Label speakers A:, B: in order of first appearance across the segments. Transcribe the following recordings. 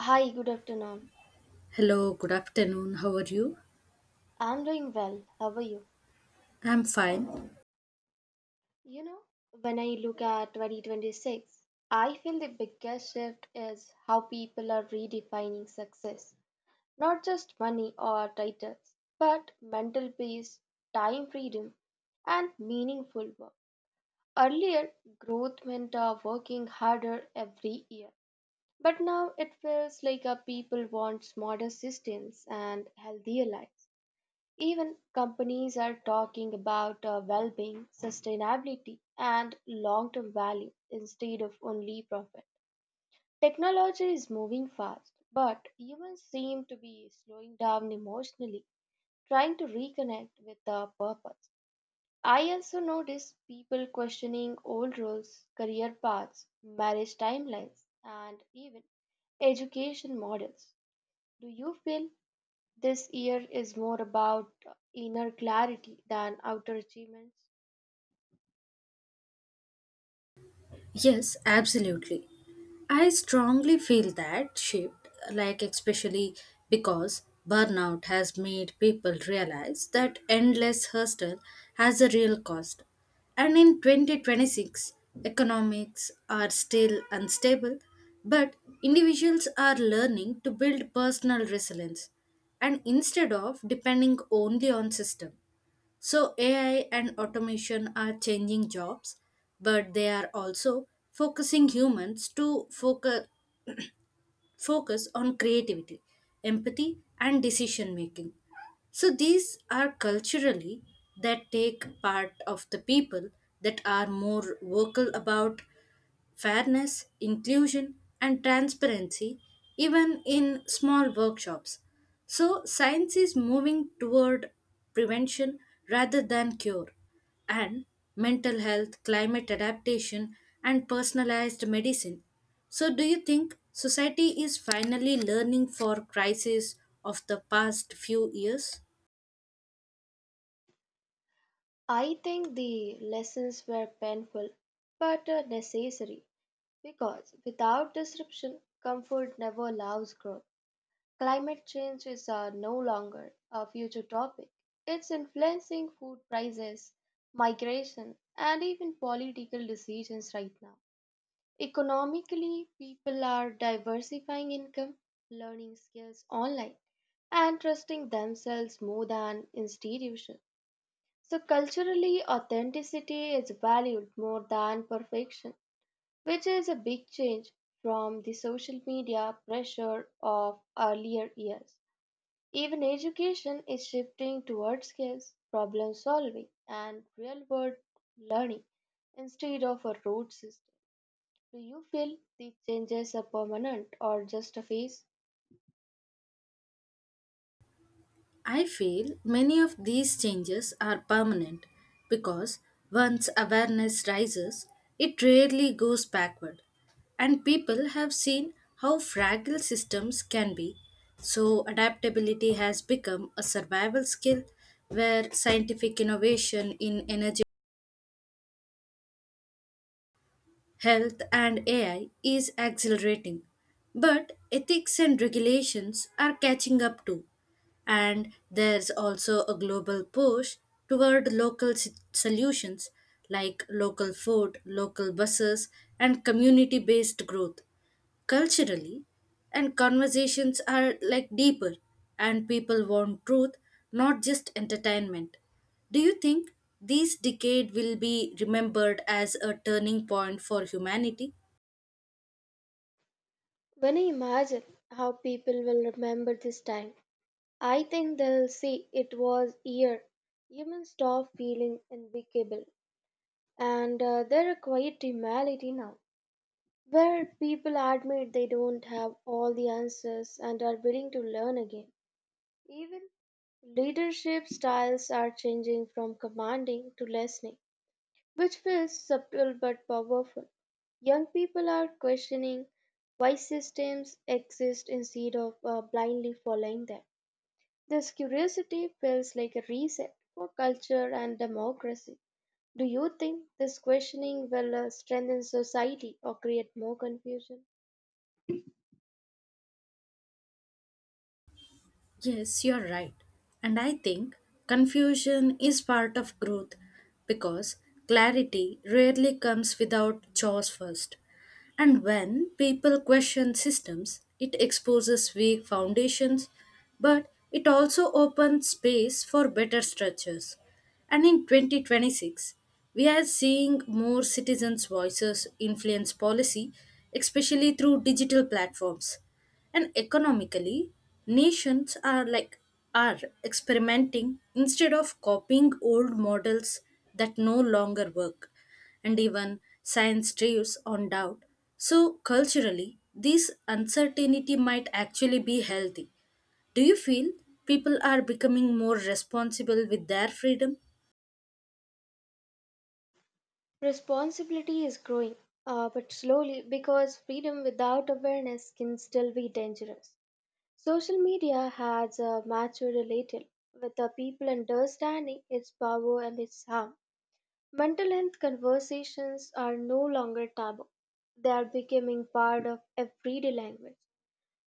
A: Hi, good afternoon.
B: Hello, good afternoon. How are you?
A: I'm doing well. How are you?
B: I'm fine.
A: You know, when I look at 2026, I feel the biggest shift is how people are redefining success. Not just money or titles, but mental peace, time freedom, and meaningful work. Earlier, growth meant working harder every year. But now it feels like people want smarter systems and healthier lives. Even companies are talking about well being, sustainability, and long term value instead of only profit. Technology is moving fast, but humans seem to be slowing down emotionally, trying to reconnect with the purpose. I also notice people questioning old roles, career paths, marriage timelines, and even education models. Do you feel this year is more about inner clarity than outer achievements?
B: Yes, absolutely. I strongly feel that shift, like, especially because burnout has made people realize that endless hustle has a real cost. And in 2026, economics are still unstable, but individuals are learning to build personal resilience and instead of depending only on system. So, AI and automation are changing jobs, but they are also focusing humans to focus, on creativity, empathy, and decision making. So, these are culturally that take part of the people that are more vocal about fairness, inclusion, and transparency, even in small workshops. So, science is moving toward prevention rather than cure. And mental health, climate adaptation, and personalized medicine. So, do you think society is finally learning for crises of the past few years?
A: I think the lessons were painful but necessary because without disruption, comfort never allows growth. Climate change is no longer a future topic, it's influencing food prices, migration, and even political decisions right now. Economically, people are diversifying income, learning skills online, and trusting themselves more than institutions. So, culturally, authenticity is valued more than perfection, which is a big change from the social media pressure of earlier years. Even education is shifting towards skills, problem solving, and real world learning instead of a rote system. Do you feel these changes are permanent or just a phase?
B: I feel many of these changes are permanent because once awareness rises, it rarely goes backward. And people have seen how fragile systems can be, so adaptability has become a survival skill where scientific innovation in energy, health, and AI is accelerating, but ethics and regulations are catching up too. And there's also a global push toward local solutions like local food, local buses, and community based growth, culturally, and conversations are like deeper and people want truth, not just entertainment. Do you think this decade will be remembered as a turning point for humanity?
A: When I imagine how people will remember this time, I think they'll say it was here. Humans stop feeling unbeatable, and there are quiet reality now, where people admit they don't have all the answers and are willing to learn again. Even leadership styles are changing from commanding to listening, which feels subtle but powerful. Young people are questioning why systems exist instead of blindly following them. This curiosity feels like a reset for culture and democracy. Do you think this questioning will strengthen society or create more confusion?
B: Yes, you're right. And I think confusion is part of growth because clarity rarely comes without chores first. And when people question systems, it exposes weak foundations, but it also opens space for better structures. And in 2026, we are seeing more citizens' voices influence policy, especially through digital platforms, and economically nations are like are experimenting instead of copying old models that no longer work, and even science drives on doubt, so culturally this uncertainty might actually be healthy. Do you feel people are becoming more responsible with their freedom?
A: Responsibility is growing, but slowly because freedom without awareness can still be dangerous. Social media has matured a little, with the people understanding its power and its harm. Mental health conversations are no longer taboo. They are becoming part of everyday language.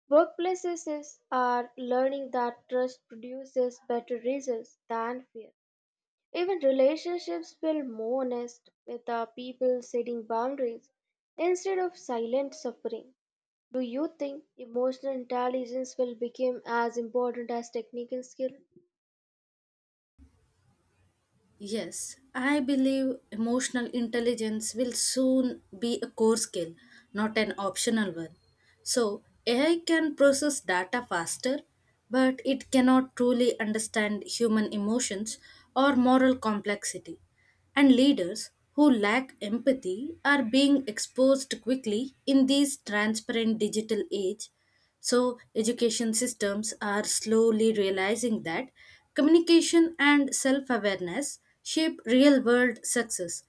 A: Workplaces are learning that trust produces better results than fear. Even relationships feel more honest with the people setting boundaries instead of silent suffering. Do you think emotional intelligence will become as important as technical skill?
B: Yes, I believe emotional intelligence will soon be a core skill, not an optional one. So, AI can process data faster, but it cannot truly understand human emotions or moral complexity. And leaders who lack empathy are being exposed quickly in this transparent digital age, so education systems are slowly realizing that communication and self-awareness shape real-world success.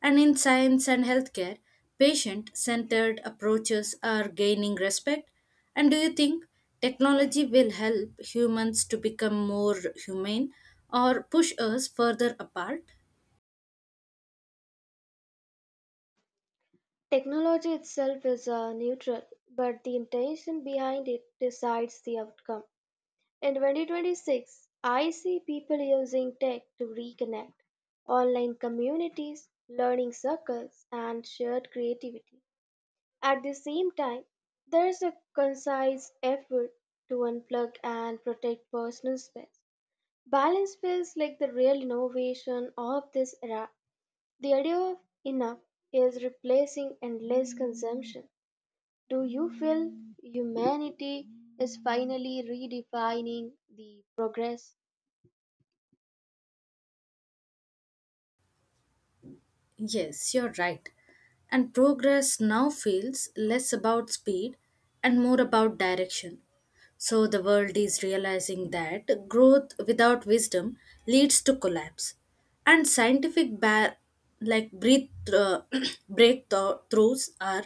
B: And in science and healthcare, patient-centered approaches are gaining respect. And do you think technology will help humans to become more humane or push us further apart?
A: Technology itself is neutral, but the intention behind it decides the outcome. In 2026, I see people using tech to reconnect, online communities, learning circles, and shared creativity. At the same time, there is a concise effort to unplug and protect personal space. Balance feels like the real innovation of this era. The idea of enough is replacing endless consumption. Do you feel humanity is finally redefining the progress?
B: Yes, you're right. And progress now feels less about speed and more about direction. So the world is realizing that growth without wisdom leads to collapse. And scientific like breath- uh, breakthroughs are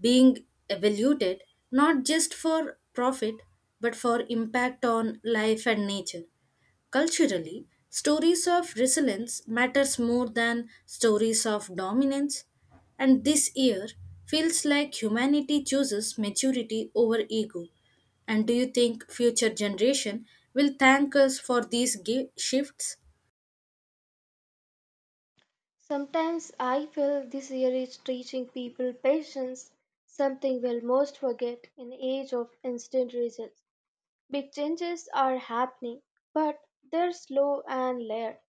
B: being evaluated not just for profit but for impact on life and nature. Culturally, stories of resilience matters more than stories of dominance, and this year feels like humanity chooses maturity over ego. And do you think future generation will thank us for these shifts?
A: Sometimes I feel this year is teaching people patience, something we'll most forget in age of instant results. Big changes are happening, but they're slow and layered,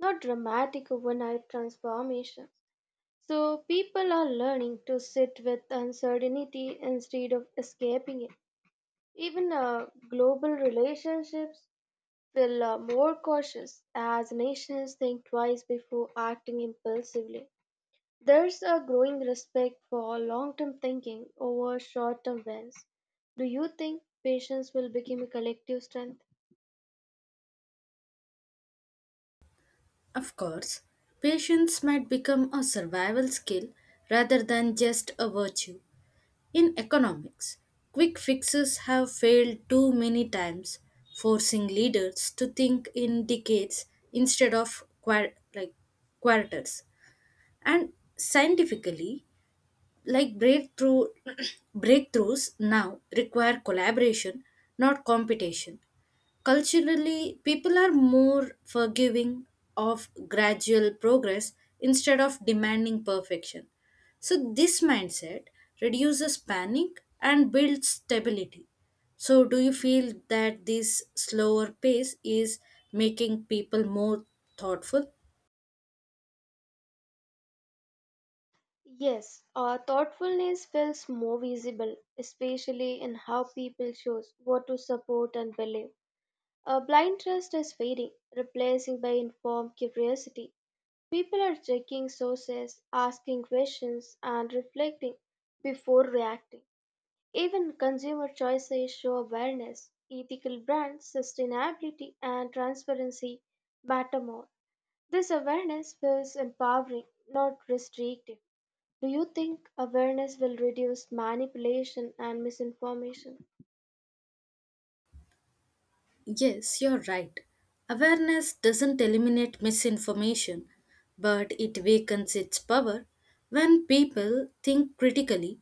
A: not dramatic overnight transformations. So people are learning to sit with uncertainty instead of escaping it. Even global relationships feel more cautious as nations think twice before acting impulsively. There's a growing respect for long-term thinking over short-term wins. Do you think patience will become a collective strength?
B: Of course, patience might become a survival skill rather than just a virtue. In economics, quick fixes have failed too many times, forcing leaders to think in decades instead of quarters. And scientifically, like breakthrough breakthroughs now require collaboration, not competition. Culturally, people are more forgiving of gradual progress instead of demanding perfection. So, this mindset reduces panic and builds stability. So, do you feel that this slower pace is making people more thoughtful?
A: Yes, thoughtfulness feels more visible, especially in how people choose what to support and believe. A blind trust is fading, replacing by informed curiosity. People are checking sources, asking questions, and reflecting before reacting. Even consumer choices show awareness. Ethical brands, sustainability, and transparency matter more. This awareness feels empowering, not restrictive. Do you think awareness will reduce manipulation and misinformation?
B: Yes, you're right. Awareness doesn't eliminate misinformation, but it weakens its power when people think critically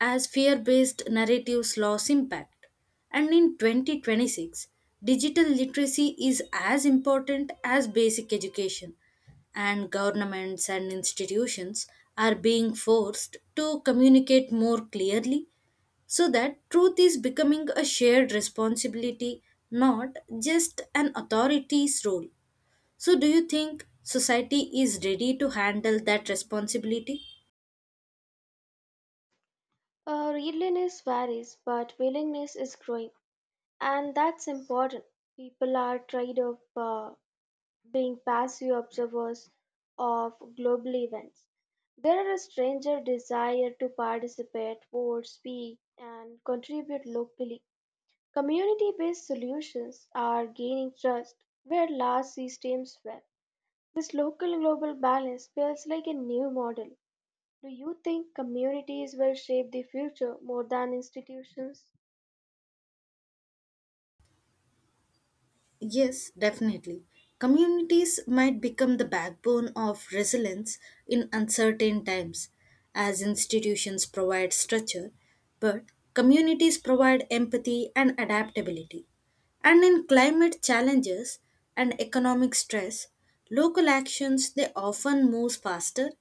B: as fear based narratives lost impact. And in 2026, digital literacy is as important as basic education, and governments and institutions are being forced to communicate more clearly, so that truth is becoming a shared responsibility, not just an authority's role. So, do you think society is ready to handle that responsibility?
A: Readiness varies, but willingness is growing, and that's important. People are tired of being passive observers of global events. There is a stranger desire to participate, vote, speak, and contribute locally. Community based solutions are gaining trust where large systems fail. This local global balance feels like a new model. Do you think communities will shape the future more than institutions?
B: Yes, definitely. Communities might become the backbone of resilience in uncertain times, as institutions provide structure, but communities provide empathy and adaptability. And in climate challenges and economic stress, local actions they often move faster,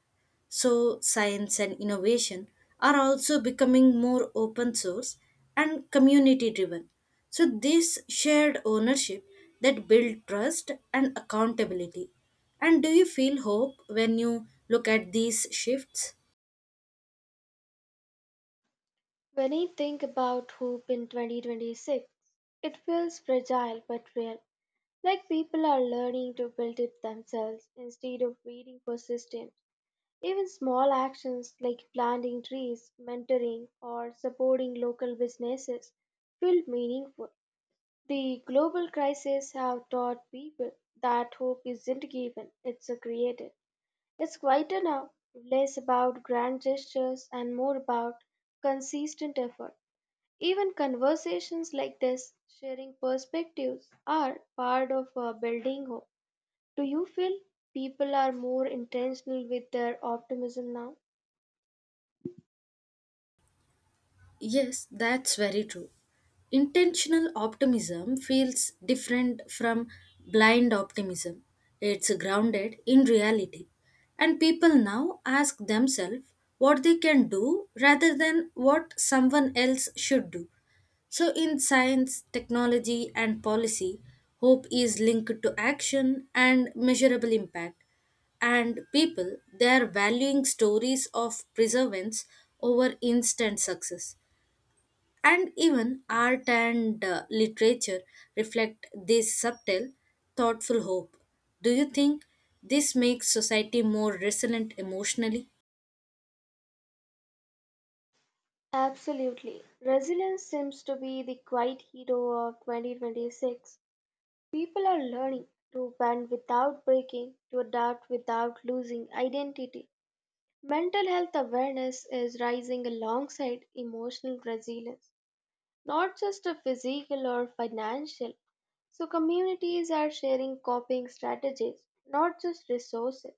B: so science and innovation are also becoming more open source and community driven. So, this shared ownership that build trust and accountability. And do you feel hope when you look at these shifts?
A: When I think about hope in 2026, it feels fragile but real, like people are learning to build it themselves instead of waiting for systems. Even small actions like planting trees, mentoring, or supporting local businesses feel meaningful. The global crisis have taught people that hope isn't given, it's created. It's quieter now, less about grand gestures and more about consistent effort. Even conversations like this, sharing perspectives, are part of building hope. Do you feel people are more intentional with their optimism now?
B: Yes, that's very true. Intentional optimism feels different from blind optimism. It's grounded in reality. And people now ask themselves what they can do rather than what someone else should do. So, in science, technology, and policy, hope is linked to action and measurable impact. And people, they are valuing stories of perseverance over instant success. And even art and literature reflect this subtle, thoughtful hope. Do you think this makes society more resilient emotionally?
A: Absolutely. Resilience seems to be the quiet hero of 2026. People are learning to bend without breaking, to adapt without losing identity. Mental health awareness is rising alongside emotional resilience, not just a physical or financial. So, communities are sharing coping strategies, not just resources,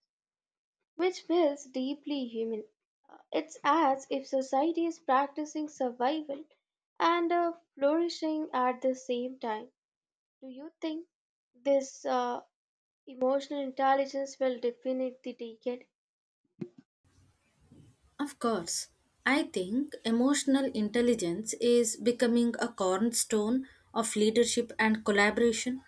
A: which feels deeply human. It's as if society is practicing survival and flourishing at the same time. Do you think this emotional intelligence will define the decade?
B: Of course. I think emotional intelligence is becoming a cornerstone of leadership and collaboration.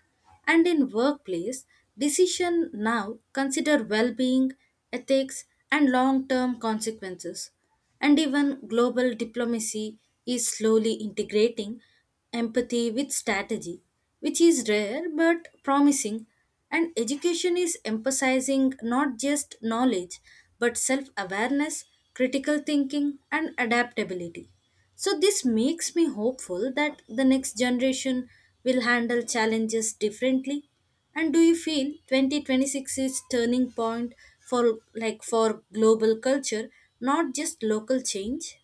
B: And in workplace, decision now consider well-being, ethics, and long-term consequences. And even global diplomacy is slowly integrating empathy with strategy, which is rare but promising. And education is emphasizing not just knowledge but self awareness, critical thinking, and adaptability. So, this makes me hopeful that the next generation will handle challenges differently. And do you feel 2026 is turning point for for global culture, not just local change?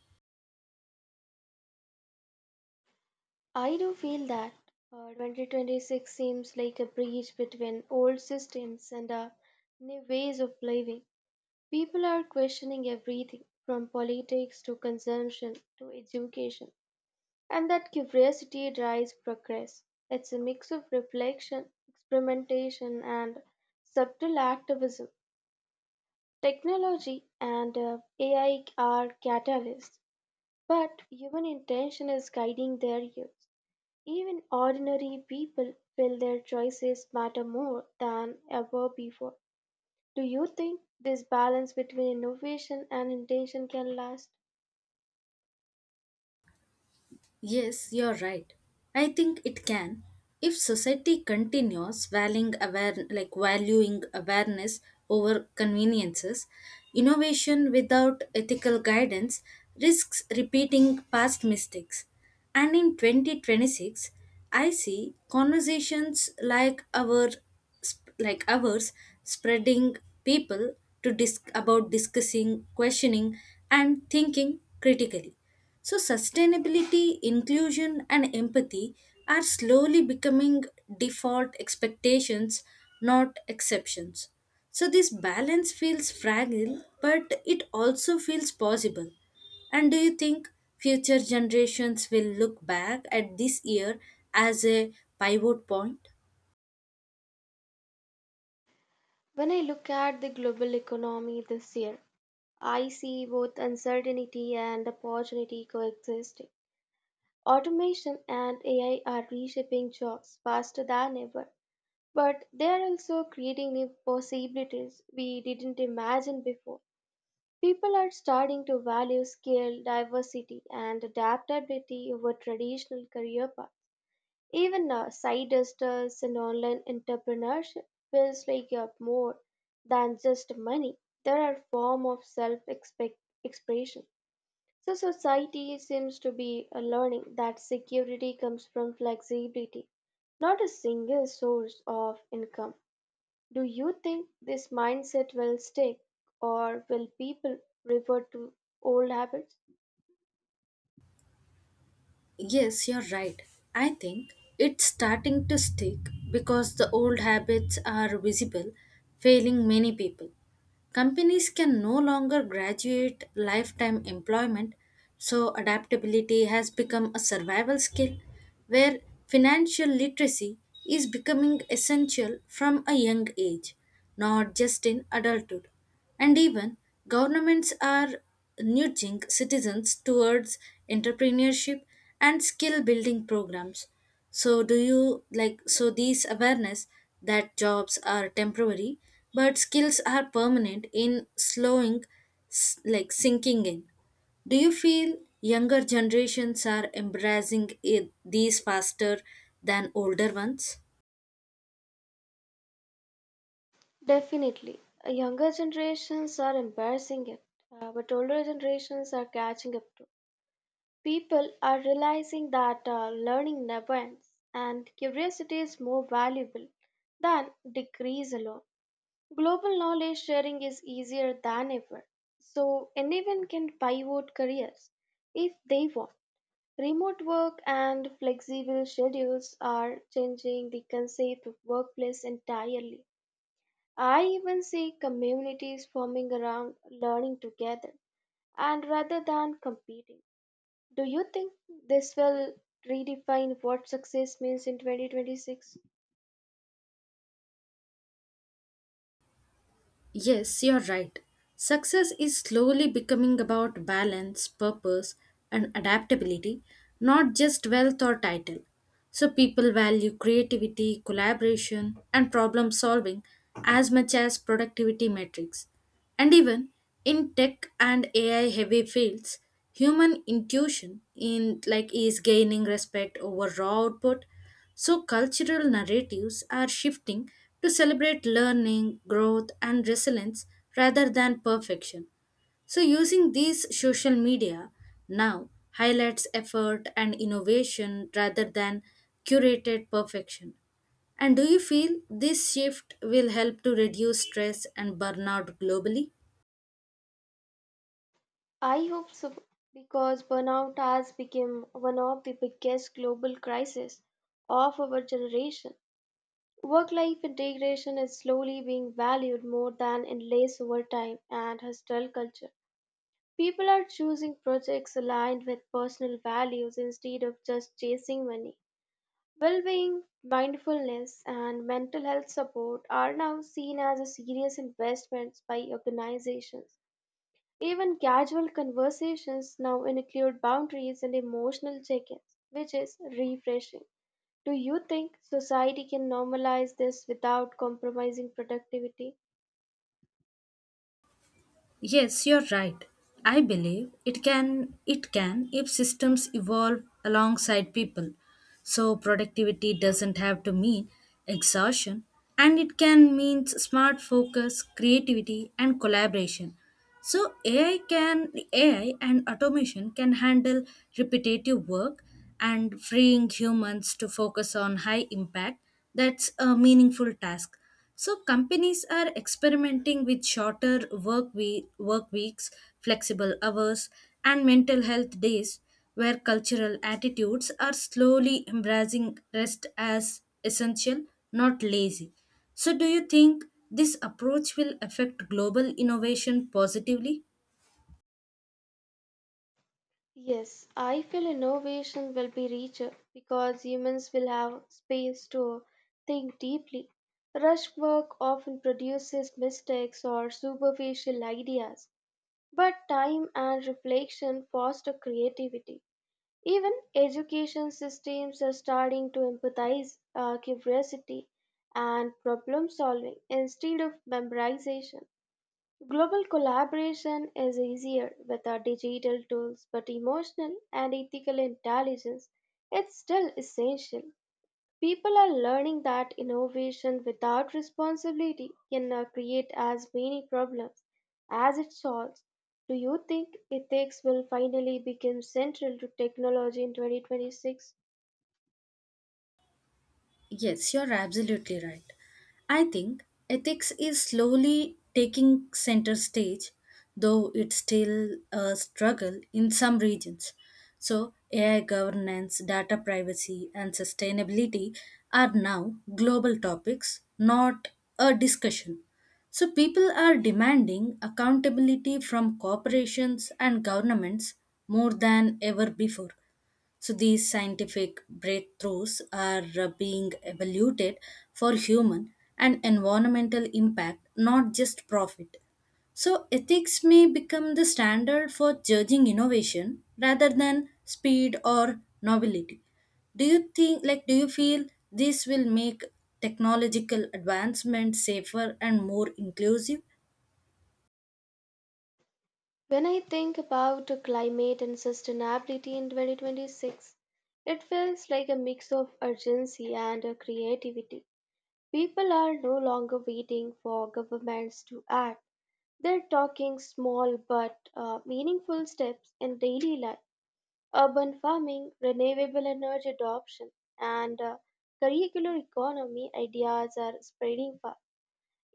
A: I do feel that 2026 seems like a bridge between old systems and new ways of living. People are questioning everything from politics to consumption to education, and that curiosity drives progress. It's a mix of reflection, experimentation, and subtle activism. Technology and AI are catalysts, but human intention is guiding their use. Even ordinary people feel their choices matter more than ever before. Do you think this balance between innovation and intention can last?
B: Yes, you're right. I think it can if society continues valuing aware like valuing awareness over conveniences. Innovation without ethical guidance risks repeating past mistakes. And in 2026, I see conversations like ours spreading people to dis- about discussing, questioning, and thinking critically, so sustainability, inclusion, and empathy are slowly becoming default expectations, not exceptions. So this balance feels fragile, but it also feels possible. And do you think future generations will look back at this year as a pivot point?
A: When I look at the global economy this year, I see both uncertainty and opportunity coexisting. Automation and AI are reshaping jobs faster than ever, but they are also creating new possibilities we didn't imagine before. People are starting to value skill, diversity, and adaptability over traditional career paths. Even side hustles and online entrepreneurship feels like you have more than just money. There are form of self expression. So society seems to be learning that security comes from flexibility, not a single source of income. Do you think this mindset will stick, or will people revert to old habits?
B: Yes, you're right. I think it's starting to stick because the old habits are visible, failing many people. Companies can no longer graduate lifetime employment, so adaptability has become a survival skill where financial literacy is becoming essential from a young age, not just in adulthood. And even governments are nudging citizens towards entrepreneurship and skill building programs. So, do you like so these awareness that jobs are temporary but skills are permanent in slowing s- like sinking in? Do you feel younger generations are embracing it, these faster than older ones?
A: Definitely. Younger generations are embarrassing it, but older generations are catching up too. People are realizing that learning never ends and curiosity is more valuable than degrees alone. Global knowledge sharing is easier than ever, so anyone can pivot careers if they want. Remote work and flexible schedules are changing the concept of workplace entirely. I even see communities forming around learning together and rather than competing. Do you think this will redefine what success means in 2026?
B: Yes, you're right. Success is slowly becoming about balance, purpose, and adaptability, not just wealth or title. So people value creativity, collaboration, and problem solving as much as productivity metrics. And even in tech and AI heavy fields, human intuition in like is gaining respect over raw output. So cultural narratives are shifting to celebrate learning, growth and resilience rather than perfection. So using these social media now highlights effort and innovation rather than curated perfection. And do you feel this shift will help to reduce stress and burnout globally?
A: I hope so because burnout has become one of the biggest global crises of our generation. Work life integration is slowly being valued more than in less over time, and hostile culture. People are choosing projects aligned with personal values instead of just chasing money. Well being, mindfulness, and mental health support are now seen as serious investments by organizations. Even casual conversations now include boundaries and emotional check ins, which is refreshing. Do you think society can normalize this without compromising productivity?
B: Yes, you're right. I believe it can if systems evolve alongside people. So productivity doesn't have to mean exhaustion, and it can mean smart focus, creativity and collaboration. So AI and automation can handle repetitive work and freeing humans to focus on high impact that's a meaningful task. So companies are experimenting with shorter work weeks, flexible hours and mental health days where cultural attitudes are slowly embracing rest as essential, not lazy. So, do you think this approach will affect global innovation positively?
A: Yes, I feel innovation will be richer because humans will have space to think deeply. Rush work often produces mistakes or superficial ideas, but time and reflection foster creativity. Even education systems are starting to empathize curiosity and problem solving instead of memorization. Global collaboration is easier with our digital tools, but emotional and ethical intelligence is still essential. People are learning that innovation without responsibility can create as many problems as it solves. Do you think ethics will finally become central to technology in 2026?
B: Yes, you're absolutely right. I think ethics is slowly taking center stage, though it's still a struggle in some regions. So, AI governance, data privacy, and sustainability are now global topics, not a discussion. So, people are demanding accountability from corporations and governments more than ever before. So these scientific breakthroughs are being evaluated for human and environmental impact, not just profit. So ethics may become the standard for judging innovation rather than speed or novelty. Do you think, do you feel this will make technological advancement safer and more inclusive?
A: When I think about climate and sustainability in 2026, it feels like a mix of urgency and creativity. People are no longer waiting for governments to act. They're talking small but meaningful steps in daily life. Urban farming, renewable energy adoption, and curricular economy ideas are spreading fast.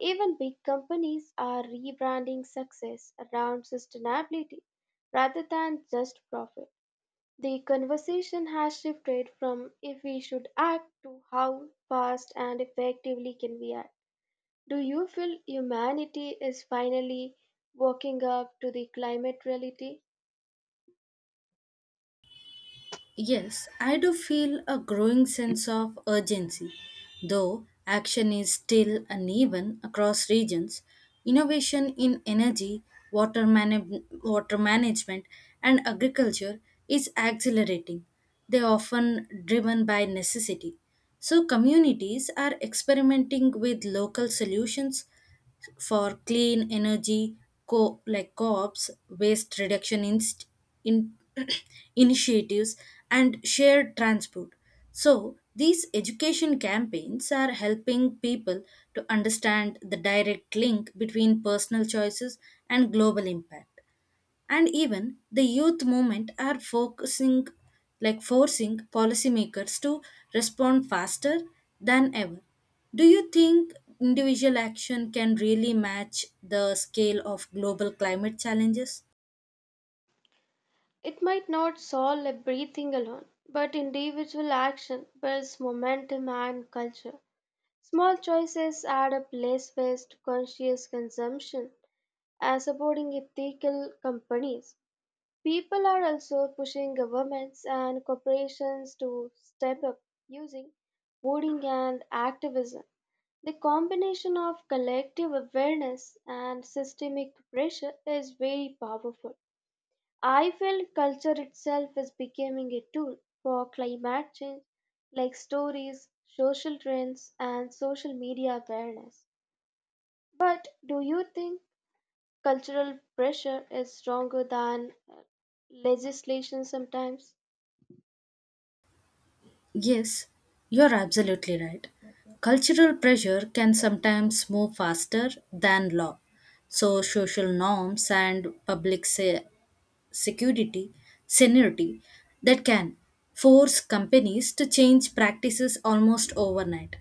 A: Even big companies are rebranding success around sustainability rather than just profit. The conversation has shifted from if we should act to how fast and effectively can we act. Do you feel humanity is finally waking up to the climate reality?
B: Yes, I do feel a growing sense of urgency. Though action is still uneven across regions, innovation in energy, water management, and agriculture is accelerating. They are often driven by necessity. So, communities are experimenting with local solutions for clean energy, co-ops, waste reduction in- initiatives, and shared transport. So these education campaigns are helping people to understand the direct link between personal choices and global impact, and even the youth movement are focusing like forcing policymakers to respond faster than ever. Do you think individual action can really match the scale of global climate challenges?
A: It might not solve everything alone, but individual action builds momentum and culture. Small choices add up less waste, conscious consumption, and supporting ethical companies. People are also pushing governments and corporations to step up using voting and activism. The combination of collective awareness and systemic pressure is very powerful. I feel culture itself is becoming a tool for climate change, like stories, social trends, and social media awareness. But do you think cultural pressure is stronger than legislation sometimes?
B: Yes, you're absolutely right. Cultural pressure can sometimes move faster than law. So, social norms and security, seniority that can force companies to change practices almost overnight.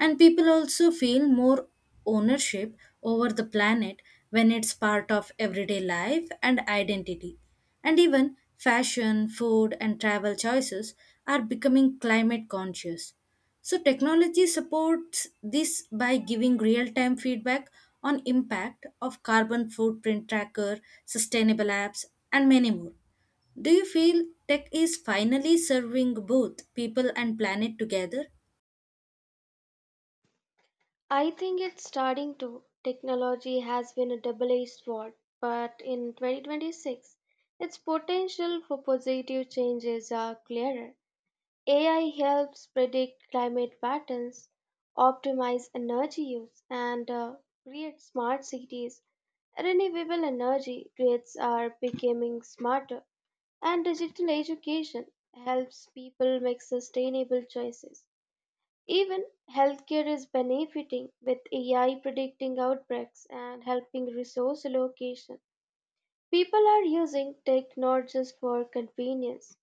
B: And people also feel more ownership over the planet when it's part of everyday life and identity. And even fashion, food, and travel choices are becoming climate conscious. So, technology supports this by giving real time feedback on impact of carbon footprint tracker, sustainable apps, and many more. Do you feel tech is finally serving both people and planet together?
A: I think it's starting to. Technology has been a double edged sword, but in 2026, its potential for positive changes are clearer. AI helps predict climate patterns, optimize energy use, and create smart cities. Renewable energy grids are becoming smarter, and digital education helps people make sustainable choices. Even healthcare is benefiting with AI predicting outbreaks and helping resource allocation. People are using tech not just for convenience,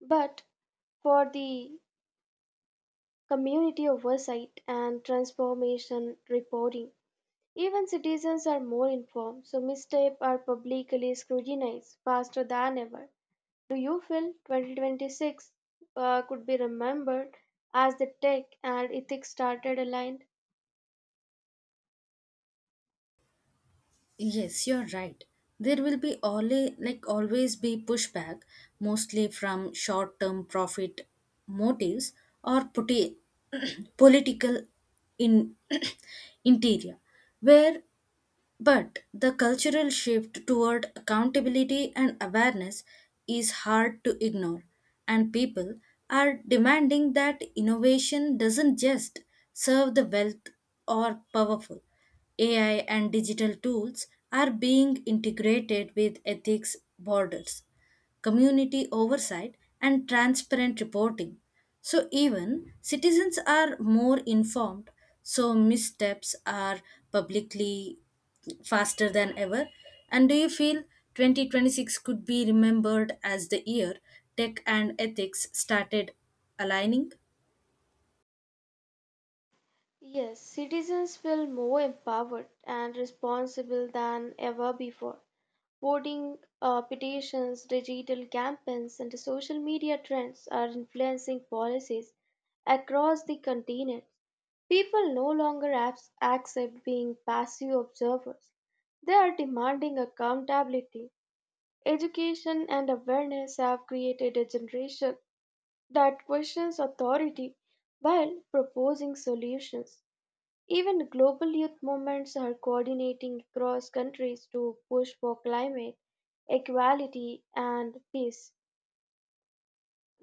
A: but for the community oversight and transformation reporting. Even citizens are more informed, so missteps are publicly scrutinized faster than ever. Do you feel 2026 could be remembered as the tech and ethics started aligned?
B: Yes, you're right. There will be always be pushback, mostly from short-term profit motives or political in interior, where but the cultural shift toward accountability and awareness is hard to ignore, and people are demanding that innovation doesn't just serve the wealth or powerful. AI and digital tools are being integrated with ethics borders, community oversight, and transparent reporting. So, even citizens are more informed, so missteps are publicly faster than ever. And do you feel 2026 could be remembered as the year tech and ethics started aligning?
A: Yes, citizens feel more empowered and responsible than ever before. Voting, petitions, digital campaigns, and social media trends are influencing policies across the continent. People no longer accept being passive observers. They are demanding accountability. Education and awareness have created a generation that questions authority while proposing solutions. Even global youth movements are coordinating across countries to push for climate equality and peace.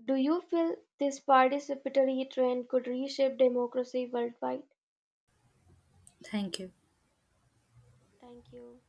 A: Do you feel this participatory trend could reshape democracy worldwide?
B: Thank you.
A: Thank you.